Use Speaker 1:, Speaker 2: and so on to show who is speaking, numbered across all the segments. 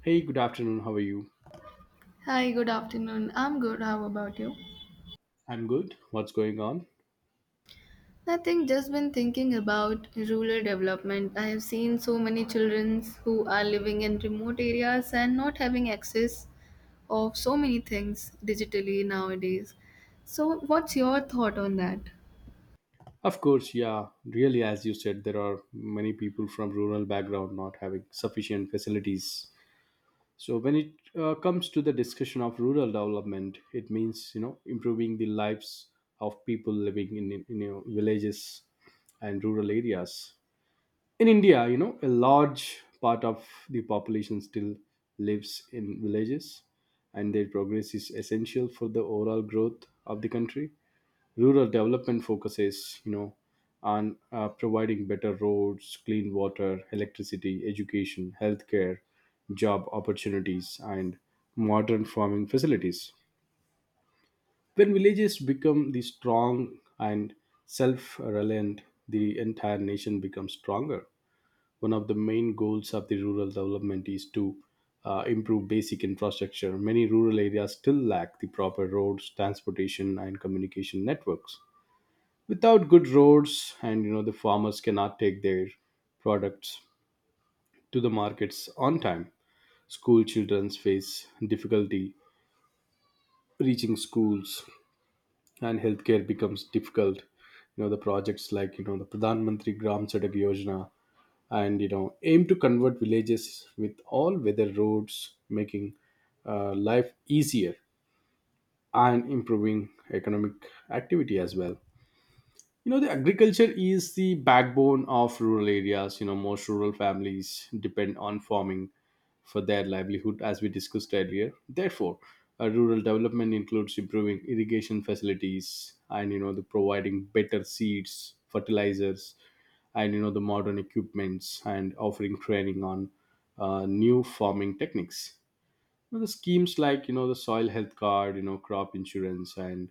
Speaker 1: Hey, good afternoon. How are you?
Speaker 2: Hi, good afternoon. I'm good. How about you?
Speaker 1: I'm good. What's going on?
Speaker 2: Nothing, just been thinking about rural development. I have seen so many children who are living in remote areas and not having access of so many things digitally nowadays. So, what's your thought on that?
Speaker 1: Of course, yeah. Really, as you said, there are many people from rural background not having sufficient facilities. So when it comes to the discussion of rural development, it means you know improving the lives of people living in, you know, villages and rural areas. In India, you know, a large part of the population still lives in villages, and their progress is essential for the overall growth of the country. Rural development focuses, you know, on providing better roads, clean water, electricity, education, healthcare, job opportunities, and modern farming facilities. When villages become the strong and self-reliant, the entire nation becomes stronger. One of the main goals of the rural development is to improve basic infrastructure. Many rural areas still lack the proper roads, transportation, and communication networks. Without good roads and you know the farmers cannot take their products to the markets on time. School children face difficulty reaching schools, and healthcare becomes difficult. You know, the projects like you know the Pradhan Mantri Gram Sadak Yojana and you know aim to convert villages with all weather roads, making life easier and improving economic activity as well. You know the agriculture is the backbone of rural areas. You know most rural families depend on farming for their livelihood as we discussed earlier. Therefore, rural development includes improving irrigation facilities and you know the providing better seeds, fertilizers, and you know the modern equipments, and offering training on new farming techniques. Well, the schemes like you know the soil health card, you know crop insurance, and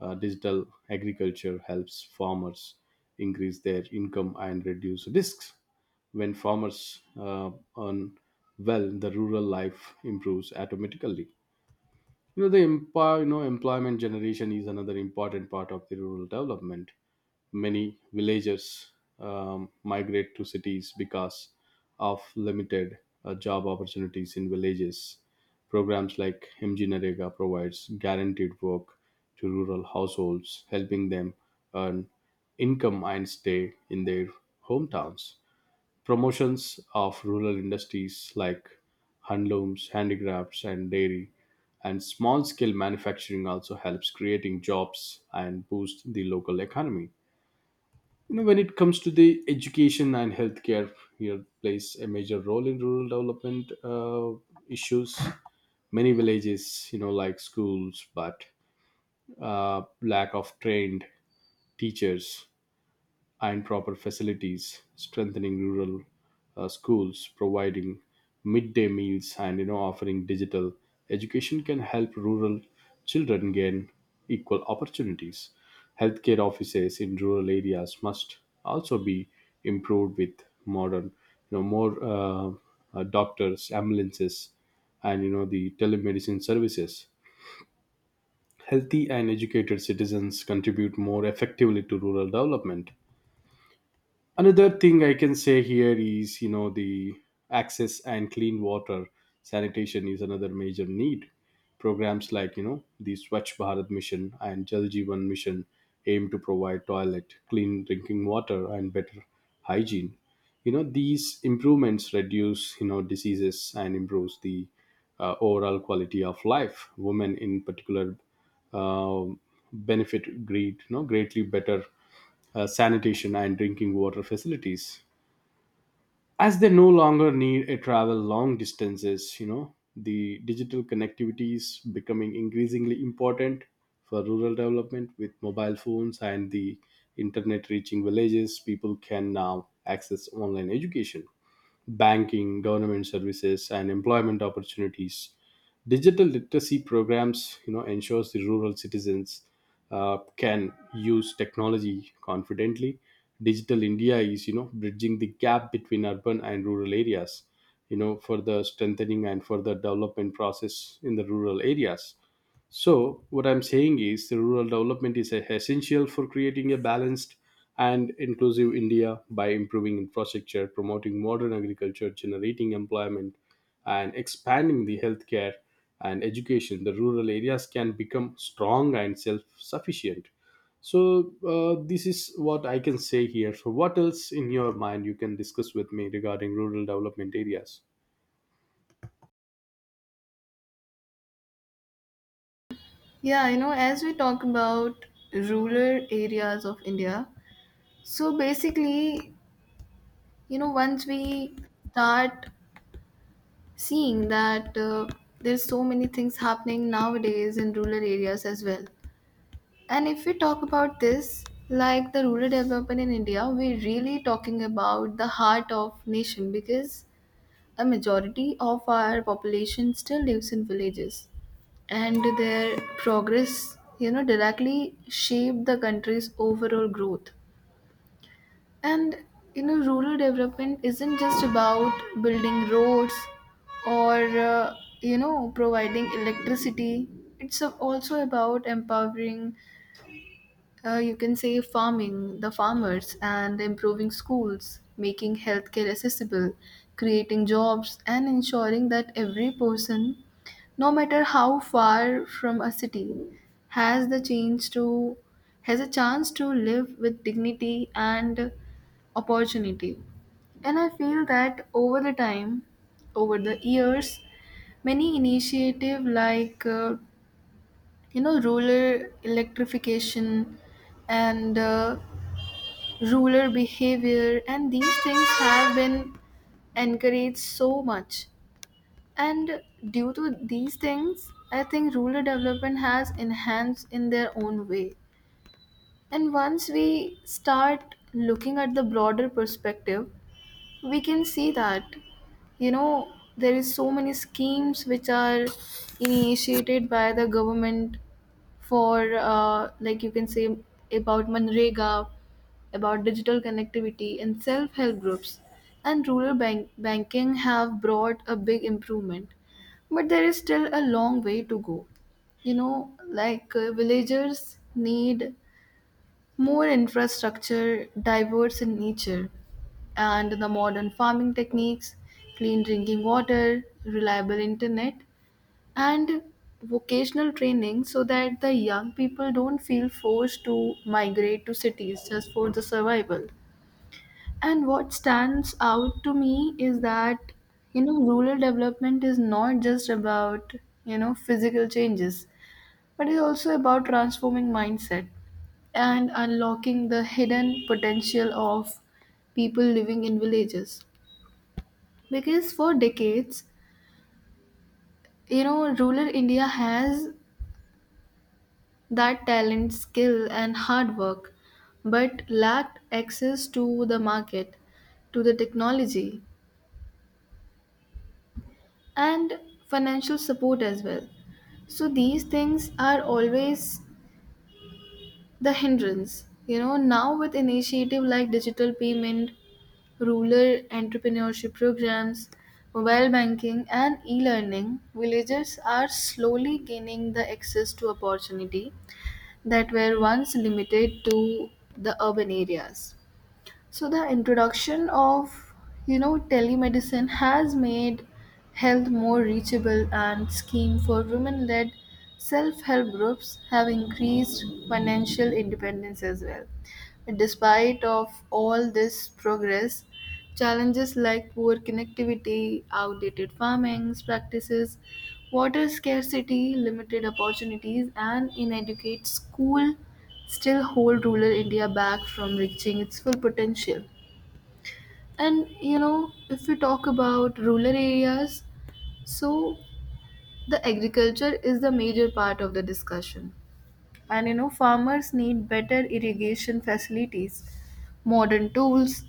Speaker 1: digital agriculture helps farmers increase their income and reduce risks. When farmers earn well, the rural life improves automatically. You know employment generation is another important part of the rural development. Many villagers migrate to cities because of limited job opportunities in villages. Programs like MG Narega provides guaranteed work to rural households, helping them earn income and stay in their hometowns. Promotions of rural industries like handlooms, handicrafts, and dairy and small scale manufacturing also helps creating jobs and boost the local economy. You know, when it comes to the education and healthcare, here plays a major role in rural development issues. Many villages, you know, like schools, but lack of trained teachers and proper facilities. Strengthening rural schools, providing midday meals, and you know offering digital education can help rural children gain equal opportunities. Healthcare offices in rural areas must also be improved with modern, you know, more doctors, ambulances, and you know the telemedicine services. Healthy and educated citizens contribute more effectively to rural development. Another thing I can say here is you know the access and clean water sanitation is another major need. Programs like you know the Swachh Bharat Mission and Jal Jeevan Mission aim to provide toilet, clean drinking water, and better hygiene. You know these improvements reduce you know diseases and improves the overall quality of life. Women in particular uh, benefit greatly better sanitation, and drinking water facilities. As they no longer need to travel long distances, you know, the digital connectivity is becoming increasingly important for rural development. With mobile phones and the internet reaching villages, people can now access online education, banking, government services, and employment opportunities. Digital literacy programs, you know, ensures the rural citizens can use technology confidently. Digital India is, you know, bridging the gap between urban and rural areas, you know, for the strengthening and further development process in the rural areas. So, what I'm saying is the rural development is essential for creating a balanced and inclusive India. By improving infrastructure, promoting modern agriculture, generating employment, and expanding the healthcare and education, the rural areas can become strong and self sufficient. So, this is what I can say here. So, what else in your mind you can discuss with me regarding rural development areas?
Speaker 2: Yeah, as we talk about rural areas of India, so basically, once we start seeing that there's so many things happening nowadays in rural areas as well. And if we talk about this, like the rural development in india, we're really talking about the heart of nation, because a majority of our population still lives in villages, and their progress directly shape the country's overall growth. And rural development isn't just about building roads or uh, providing electricity. It's also about empowering you can say farming, the farmers, and improving schools, making healthcare accessible, creating jobs, and ensuring that every person, no matter how far from a city, has the chance to has a chance to live with dignity and opportunity. And I feel that over the years, many initiative like rural electrification and rural behavior and these things have been encouraged so much. And due to these things, I think rural development has enhanced in their own way. And once we start looking at the broader perspective, we can see that there is so many schemes which are initiated by the government for like you can say about manrega, about digital connectivity and self-help groups, and rural banking have brought a big improvement. But there is still a long way to go, like villagers need more infrastructure diverse in nature, and the modern farming techniques, clean drinking water, reliable internet, and vocational training, so that the young people don't feel forced to migrate to cities just for the survival. And what stands out to me is that, rural development is not just about, physical changes, but it's also about transforming mindset and unlocking the hidden potential of people living in villages. Because for decades, rural India has that talent, skill, and hard work, but lacked access to the market, to the technology, and financial support as well. So these things are always the hindrance. Now with initiative like digital payment, rural entrepreneurship programs, mobile banking, and e-learning, villagers are slowly gaining the access to opportunity that were once limited to the urban areas. So the introduction of telemedicine has made health more reachable, and scheme for women-led self-help groups have increased financial independence as well. Despite of all this progress, challenges like poor connectivity, outdated farming practices, water scarcity, limited opportunities, and inadequate school still hold rural India back from reaching its full potential. And if we talk about rural areas, so the agriculture is the major part of the discussion. And farmers need better irrigation facilities, modern tools,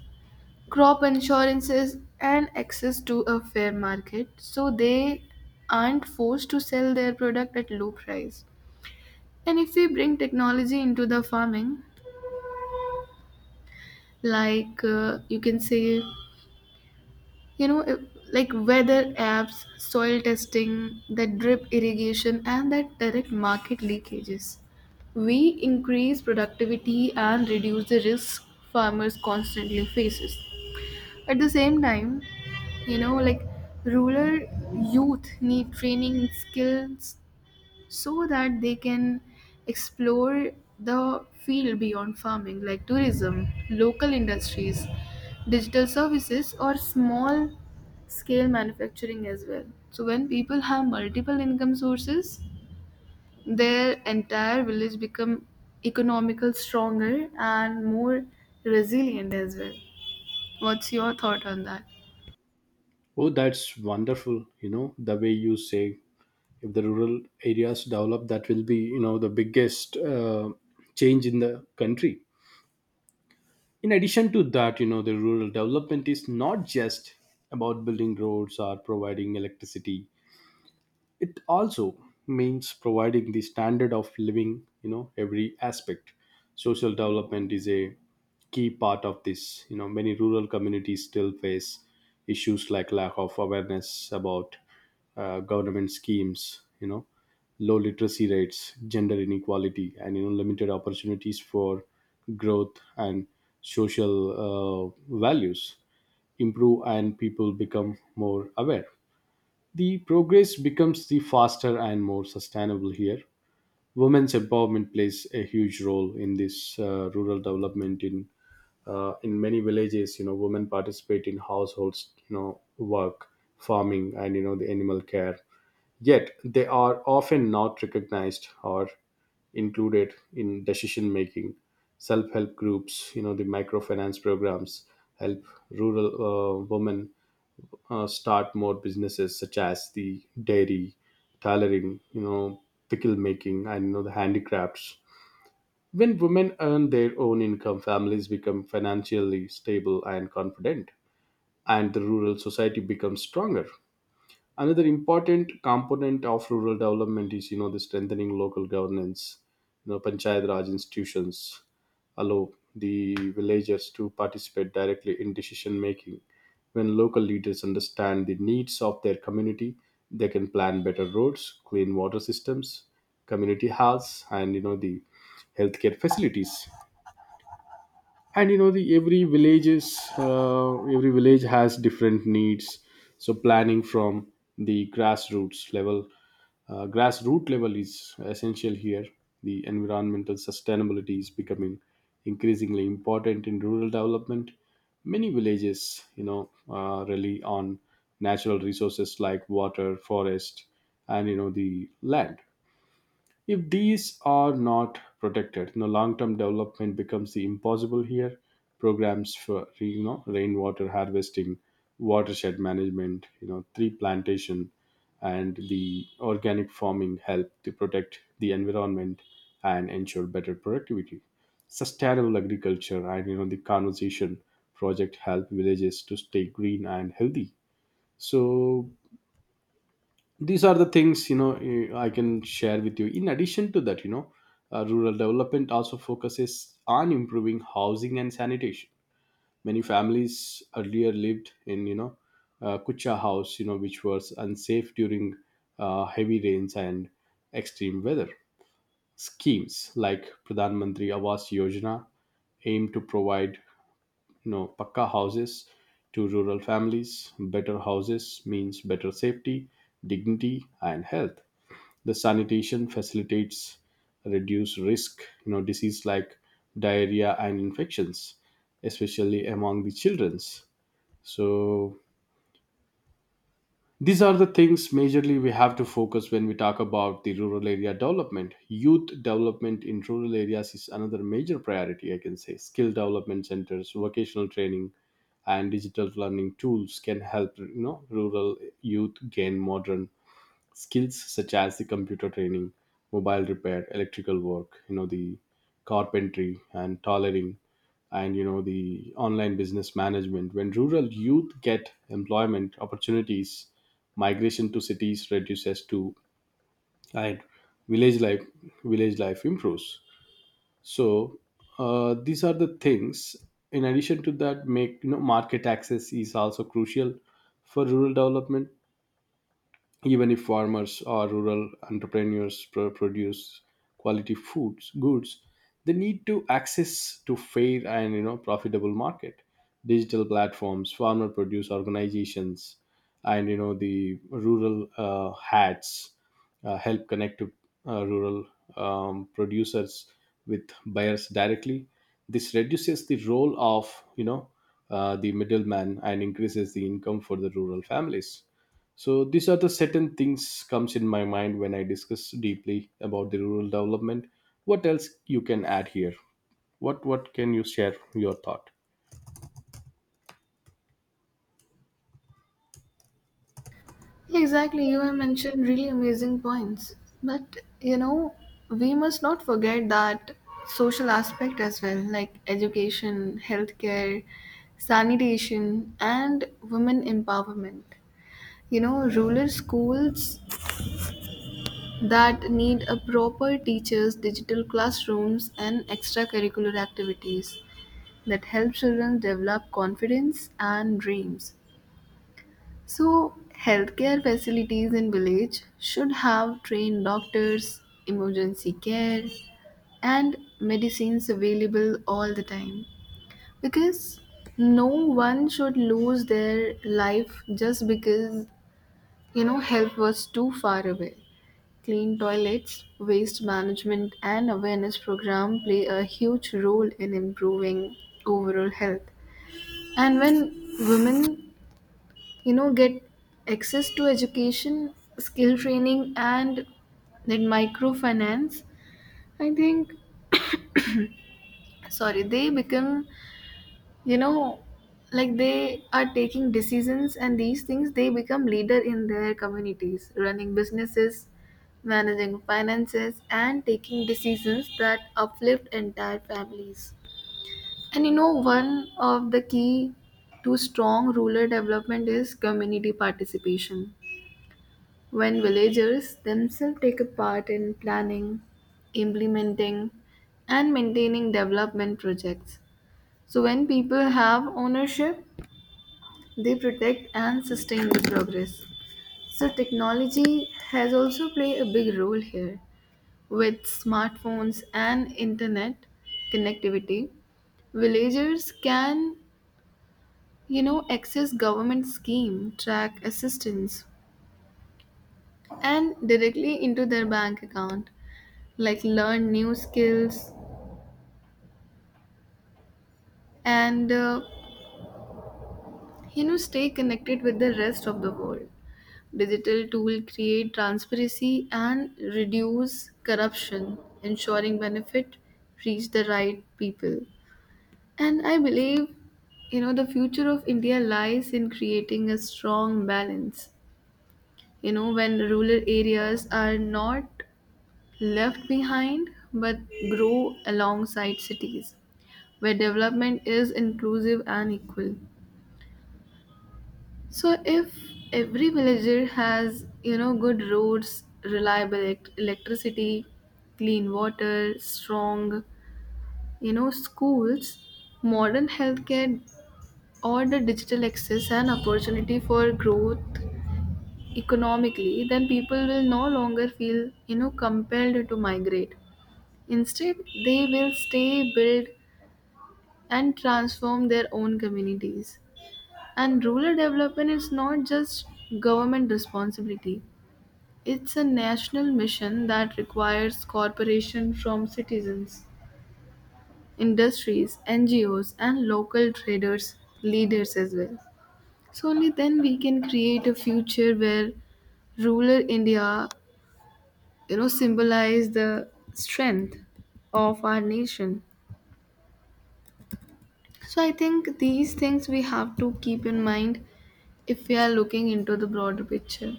Speaker 2: crop insurances, and access to a fair market, so they aren't forced to sell their product at low price. And if we bring technology into the farming, like you can say. You know, it- like weather apps, soil testing, the drip irrigation, and that direct market leakages, we increase productivity and reduce the risk farmers constantly faces. At the same time, you know, like rural youth need training in skills, so that they can explore the field beyond farming, like tourism, local industries, digital services, or small scale manufacturing as well. So when people have multiple income sources, their entire village become economical stronger and more resilient as well. What's your thought on that?
Speaker 1: Oh, that's wonderful. You know, the way you say if the rural areas develop, that will be you know the biggest change in the country. In addition to that, you know the rural development is not just about building roads or providing electricity. It also means providing the standard of living. You know every aspect, social development is a key part of this. You know many rural communities still face issues like lack of awareness about government schemes, you know, low literacy rates, gender inequality, and you know limited opportunities for growth, and social values. Improve and people become more aware, the progress becomes the faster and more sustainable here. Women's empowerment plays a huge role in this rural development. In many villages, you know, women participate in households, you know, work, farming, and you know, the animal care. Yet they are often not recognized or included in decision making. Self help groups, you know, the microfinance programs help rural women start more businesses such as the dairy, tailoring, you know, pickle making, and you know the handicrafts. When women earn their own income, families become financially stable and confident, and the rural society becomes stronger. Another important component of rural development is you know the strengthening local governance. You know panchayat raj institutions allow the villagers to participate directly in decision making. When local leaders understand the needs of their community, they can plan better roads, clean water systems, community halls, and you know the healthcare facilities. And you know the every village has different needs. So planning from the grassroots level is essential here. The environmental sustainability is becoming increasingly important in rural development. Many villages you know rely on natural resources like water, forest, and you know the land. If these are not protected, you know, long-term development becomes the impossible here. Programs for you know rainwater harvesting, watershed management, you know, tree plantation, and the organic farming help to protect the environment and ensure better productivity. Sustainable agriculture and you know the conservation project help villages to stay green and healthy. So these are the things you know I can share with you. In addition to that, you know rural development also focuses on improving housing and sanitation. Many families earlier lived in you know kucha house, you know, which was unsafe during heavy rains and extreme weather. Schemes like Pradhan Mantri Awas Yojana aim to provide you know pakka houses to rural families. Better houses means better safety, dignity, and health. The sanitation facilitates reduce risk you know disease like diarrhea and infections, especially among the children's. So these are the things majorly we have to focus when we talk about the rural area development. Youth development in rural areas is another major priority I can say. Skill development centers, vocational training, and digital learning tools can help you know rural youth gain modern skills such as the computer training, mobile repair, electrical work, you know the carpentry and tailoring, and you know the online business management. When rural youth get employment opportunities, migration to cities reduces too, and village life village life improves. So these are the things. In addition to that, make you know market access is also crucial for rural development. Even if farmers or rural entrepreneurs produce quality foods goods, they need to access to fair and you know profitable market. Digital platforms, farmer produce organizations, and you know the rural hats help connect to rural producers with buyers directly. This reduces the role of you know the middleman and increases the income for the rural families. So these are the certain things comes in my mind when I discuss deeply about the rural development. What else you can add here? What can you share your thought?
Speaker 2: Exactly, you have mentioned really amazing points. But you know, we must not forget that social aspect as well, like education, healthcare, sanitation, and women empowerment. Rural schools that need a proper teachers, digital classrooms, and extracurricular activities that help children develop confidence and dreams. So, healthcare facilities in village should have trained doctors, emergency care, and medicines available all the time, because no one should lose their life just because help was too far away. Clean toilets, waste management, and awareness program play a huge role in improving overall health. And when women get access to education, skill training, and then microfinance, I think, sorry, they become, you know like they are taking decisions, and these things they become leader in their communities, running businesses, managing finances, and taking decisions that uplift entire families. And one of the key to strong rural development is community participation, when villagers themselves take a part in planning, implementing, and maintaining development projects. So, when people have ownership, they protect and sustain the progress. So, technology has also played a big role here. With smartphones and internet connectivity, villagers can, access government scheme, track assistance, and directly into their bank account, like learn new skills, and stay connected with the rest of the world. Digital tool create transparency and reduce corruption, ensuring benefit reach the right people. And I believe the future of india lies in creating a strong balance, when rural areas are not left behind, but grow alongside cities, where development is inclusive and equal. So if every villager has, good roads, reliable electricity, clean water, strong, schools, modern healthcare, or the digital access and opportunity for growth economically, then people will no longer feel, compelled to migrate. Instead, they will stay, build, and transform their own communities. And rural development is not just government responsibility. It's a national mission that requires cooperation from citizens, industries, NGOs, and local traders, leaders as well. So only then we can create a future where rural India, symbolize the strength of our nation. So I think these things we have to keep in mind if we are looking into the broader picture.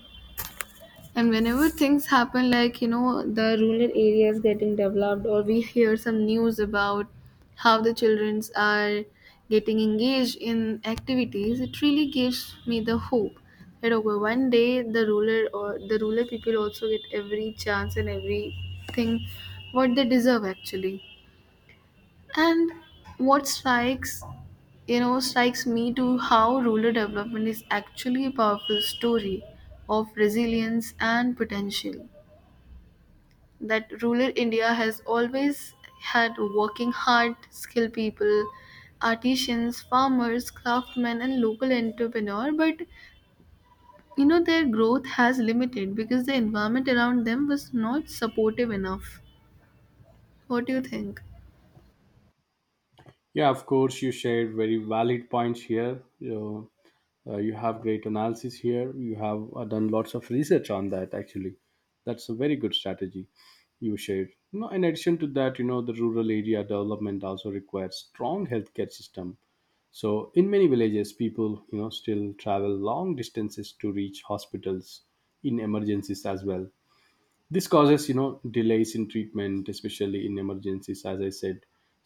Speaker 2: And whenever things happen, like the rural areas getting developed, or we hear some news about how the childrens are getting engaged in activities, it really gives me the hope that okay, one day the ruler or the ruler people also get every chance and everything what they deserve actually. And what strikes you know strikes me to how rural development is actually a powerful story of resilience and potential, that rural India has always had: working hard, skilled people, artisans, farmers, craftsmen, and local entrepreneur. But their growth has limited because the environment around them was not supportive enough. What do you think?
Speaker 1: Yeah, of course, you shared very valid points here. You have great analysis here. You have done lots of research on that actually. That's a very good strategy you shared. You know, in addition to that, you know the rural area development also requires strong healthcare system. So in many villages people you know still travel long distances to reach hospitals in emergencies as well. This causes you know delays in treatment especially in emergencies as I said.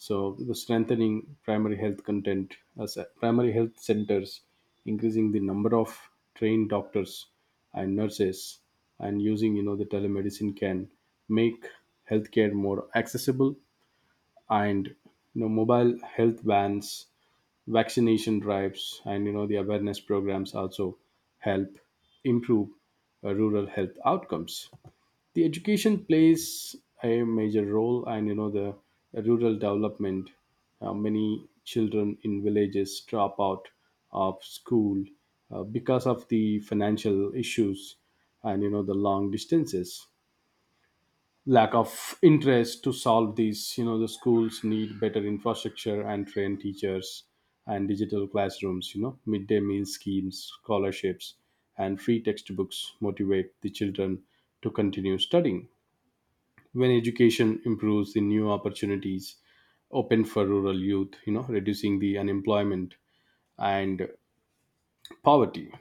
Speaker 1: So the strengthening primary health content as primary health centers, increasing the number of trained doctors and nurses, and using you know the telemedicine can make healthcare more accessible. And you know mobile health vans, vaccination drives, and you know the awareness programs also help improve rural health outcomes. The education plays a major role and you know the rural development. Many children in villages drop out of school because of the financial issues and you know the long distances, lack of interest. To solve these, you know The schools need better infrastructure and trained teachers, and digital classrooms, midday meal schemes, scholarships, and free textbooks motivate the children to continue studying. When education improves, the new opportunities open for rural youth, reducing the unemployment and poverty.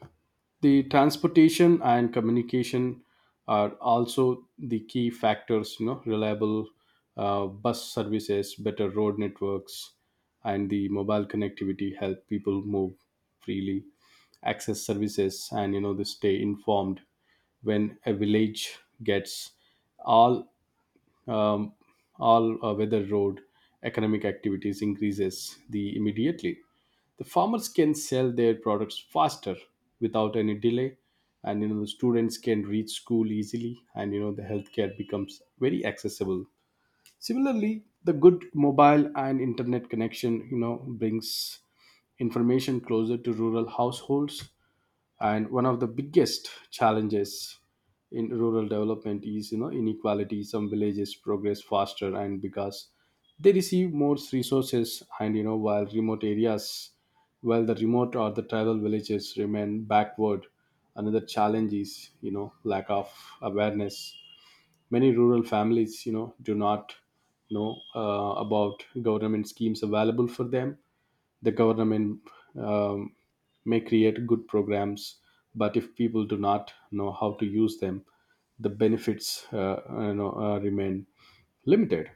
Speaker 1: The transportation and communication are also the key factors. Reliable bus services, better road networks, and the mobile connectivity help people move freely, access services, and they stay informed. When a village gets all um, all weather road, economic activities increases the immediately. The farmers can sell their products faster without any delay, and the students can reach school easily, and the healthcare becomes very accessible. Similarly, the good mobile and internet connection brings information closer to rural households. And one of the biggest challenges in rural development is, inequality. Some villages progress faster and because they receive more resources, and while the remote or the tribal villages remain backward. Another challenge is, lack of awareness. Many rural families do not know about government schemes available for them. The government um, may create good programs, but if people do not know how to use them, the benefits remain limited.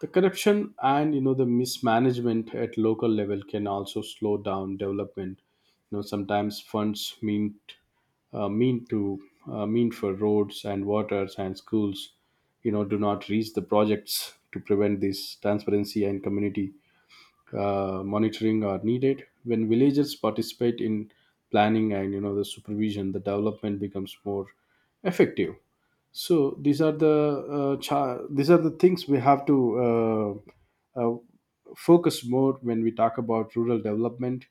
Speaker 1: The corruption and the mismanagement at local level can also slow down development. Sometimes funds uh, mean to mean for roads and waters and schools do not reach the projects. To prevent this, transparency and community monitoring are needed. When villagers participate in planning and the supervision, the development becomes more effective. So these are the these are the things we have to uh, uh, focus more when we talk about rural development.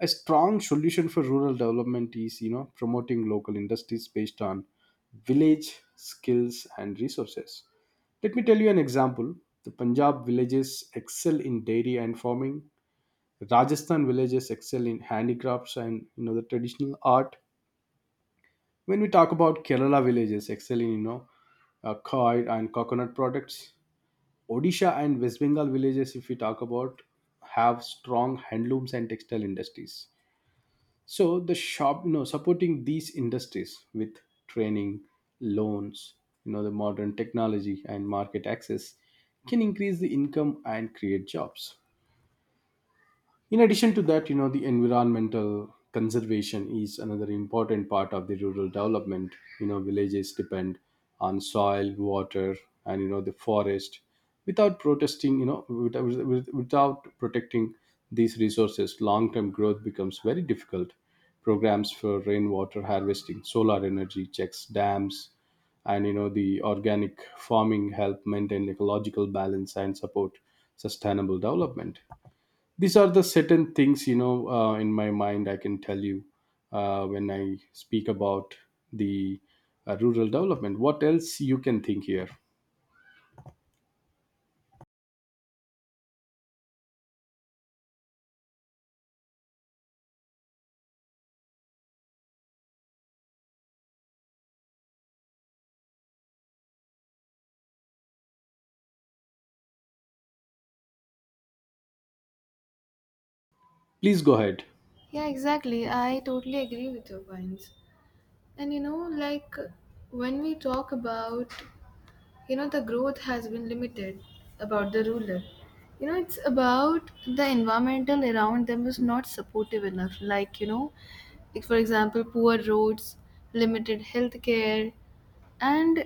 Speaker 1: A strong solution for rural development is, promoting local industries based on village skills and resources. Let me tell you an example. The Punjab villages excel in dairy and farming. Rajasthan villages excel in handicrafts and, the traditional art. When we talk about Kerala villages, excel in coir and coconut products. Odisha and West Bengal villages, if we talk about, have strong handlooms and textile industries. So the shop, supporting these industries with training, loans, the modern technology, and market access can increase the income and create jobs. In addition to that, the environmental conservation is another important part of the rural development. Villages depend on soil, water, and the forest. Without protesting, you know, without, Without protecting these resources, long-term growth becomes very difficult. Programs for rainwater harvesting, solar energy checks, dams, and the organic farming help maintain ecological balance and support sustainable development. These are the certain things, in my mind I can tell you, when I speak about the rural development, what else you can think here? Please go ahead.
Speaker 2: Yeah, exactly. I totally agree with your points. And when we talk about the growth has been limited about the ruler, it's about the environmental around them was not supportive enough, like like for example poor roads, limited health care, and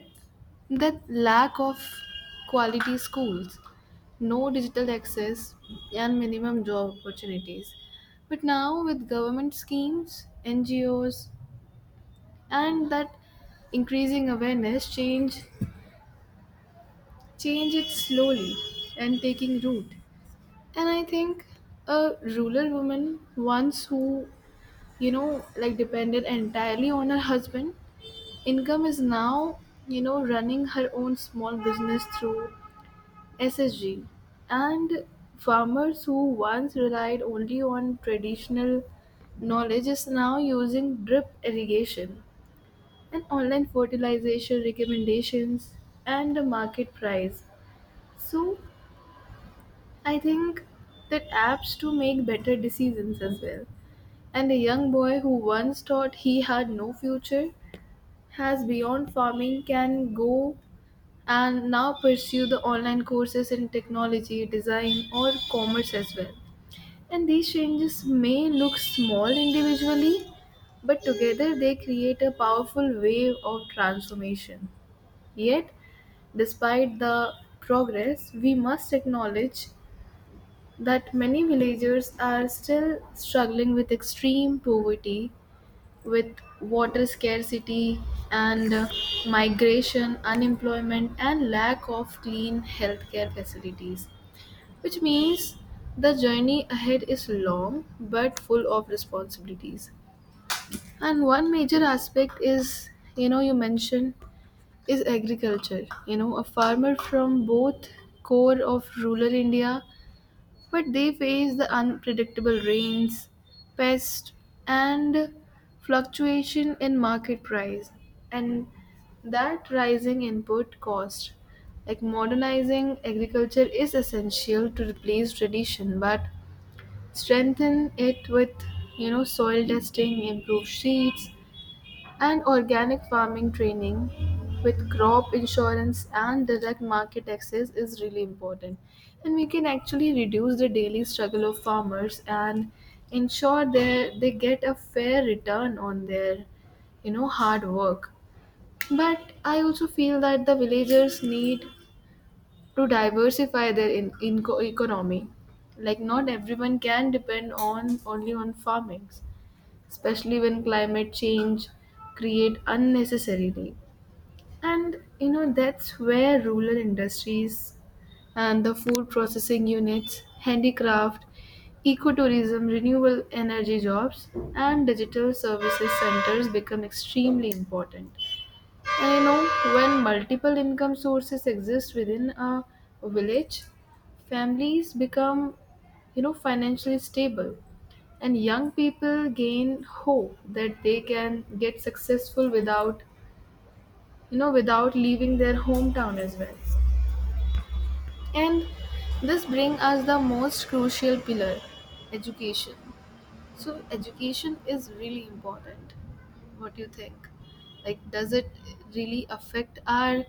Speaker 2: the lack of quality schools, no digital access, and minimum job opportunities. But now with government schemes, NGOs, and that increasing awareness, change it slowly and taking root. And I think a rural woman once who, depended entirely on her husband, income is now, running her own small business through SSG. And farmers who once relied only on traditional knowledge is now using drip irrigation, and online fertilization recommendations, and the market price. So I think that apps to make better decisions as well. And a young boy who once thought he had no future has beyond farming can go and now pursue the online courses in technology, design, or commerce as well. And these changes may look small individually, but together they create a powerful wave of transformation. Yet, despite the progress, we must acknowledge that many villagers are still struggling with extreme poverty, with water scarcity, and migration, unemployment, and lack of clean healthcare facilities, which means the journey ahead is long but full of responsibilities. And one major aspect is, you mentioned, is agriculture. A farmer from both core of rural India, but they face the unpredictable rains, pests, and fluctuation in market price, and that rising input cost. Like modernizing agriculture is essential to replace tradition, but strengthen it with soil testing, improved seeds, and organic farming training, with crop insurance and direct market access is really important. And we can actually reduce the daily struggle of farmers and ensure that they get a fair return on their hard work. But I also feel that the villagers need to diversify their in economy, like not everyone can depend on only on farming, especially when climate change create unnecessarily. And that's where rural industries, and the food processing units, handicraft, ecotourism, renewable energy jobs, and digital services centers become extremely important. And when multiple income sources exist within a village, families become, financially stable, and young people gain hope that they can get successful without, without leaving their hometown as well. And this brings us the most crucial pillar, education. So education is really important. What do you think? Like, does it really affect our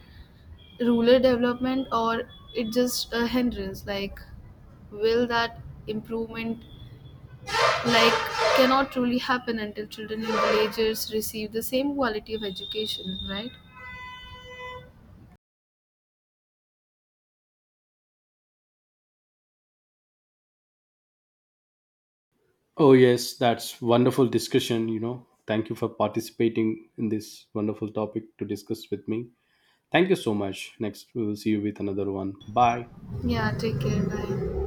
Speaker 2: rural development, or it just a hindrance? Like, will that improvement like cannot truly happen until children in villages receive the same quality of education, right?
Speaker 1: Oh yes, that's wonderful discussion. Thank you for participating in this wonderful topic to discuss with me. Thank you so much. Next we will see you with another one. Bye.
Speaker 2: Yeah, take care. Bye.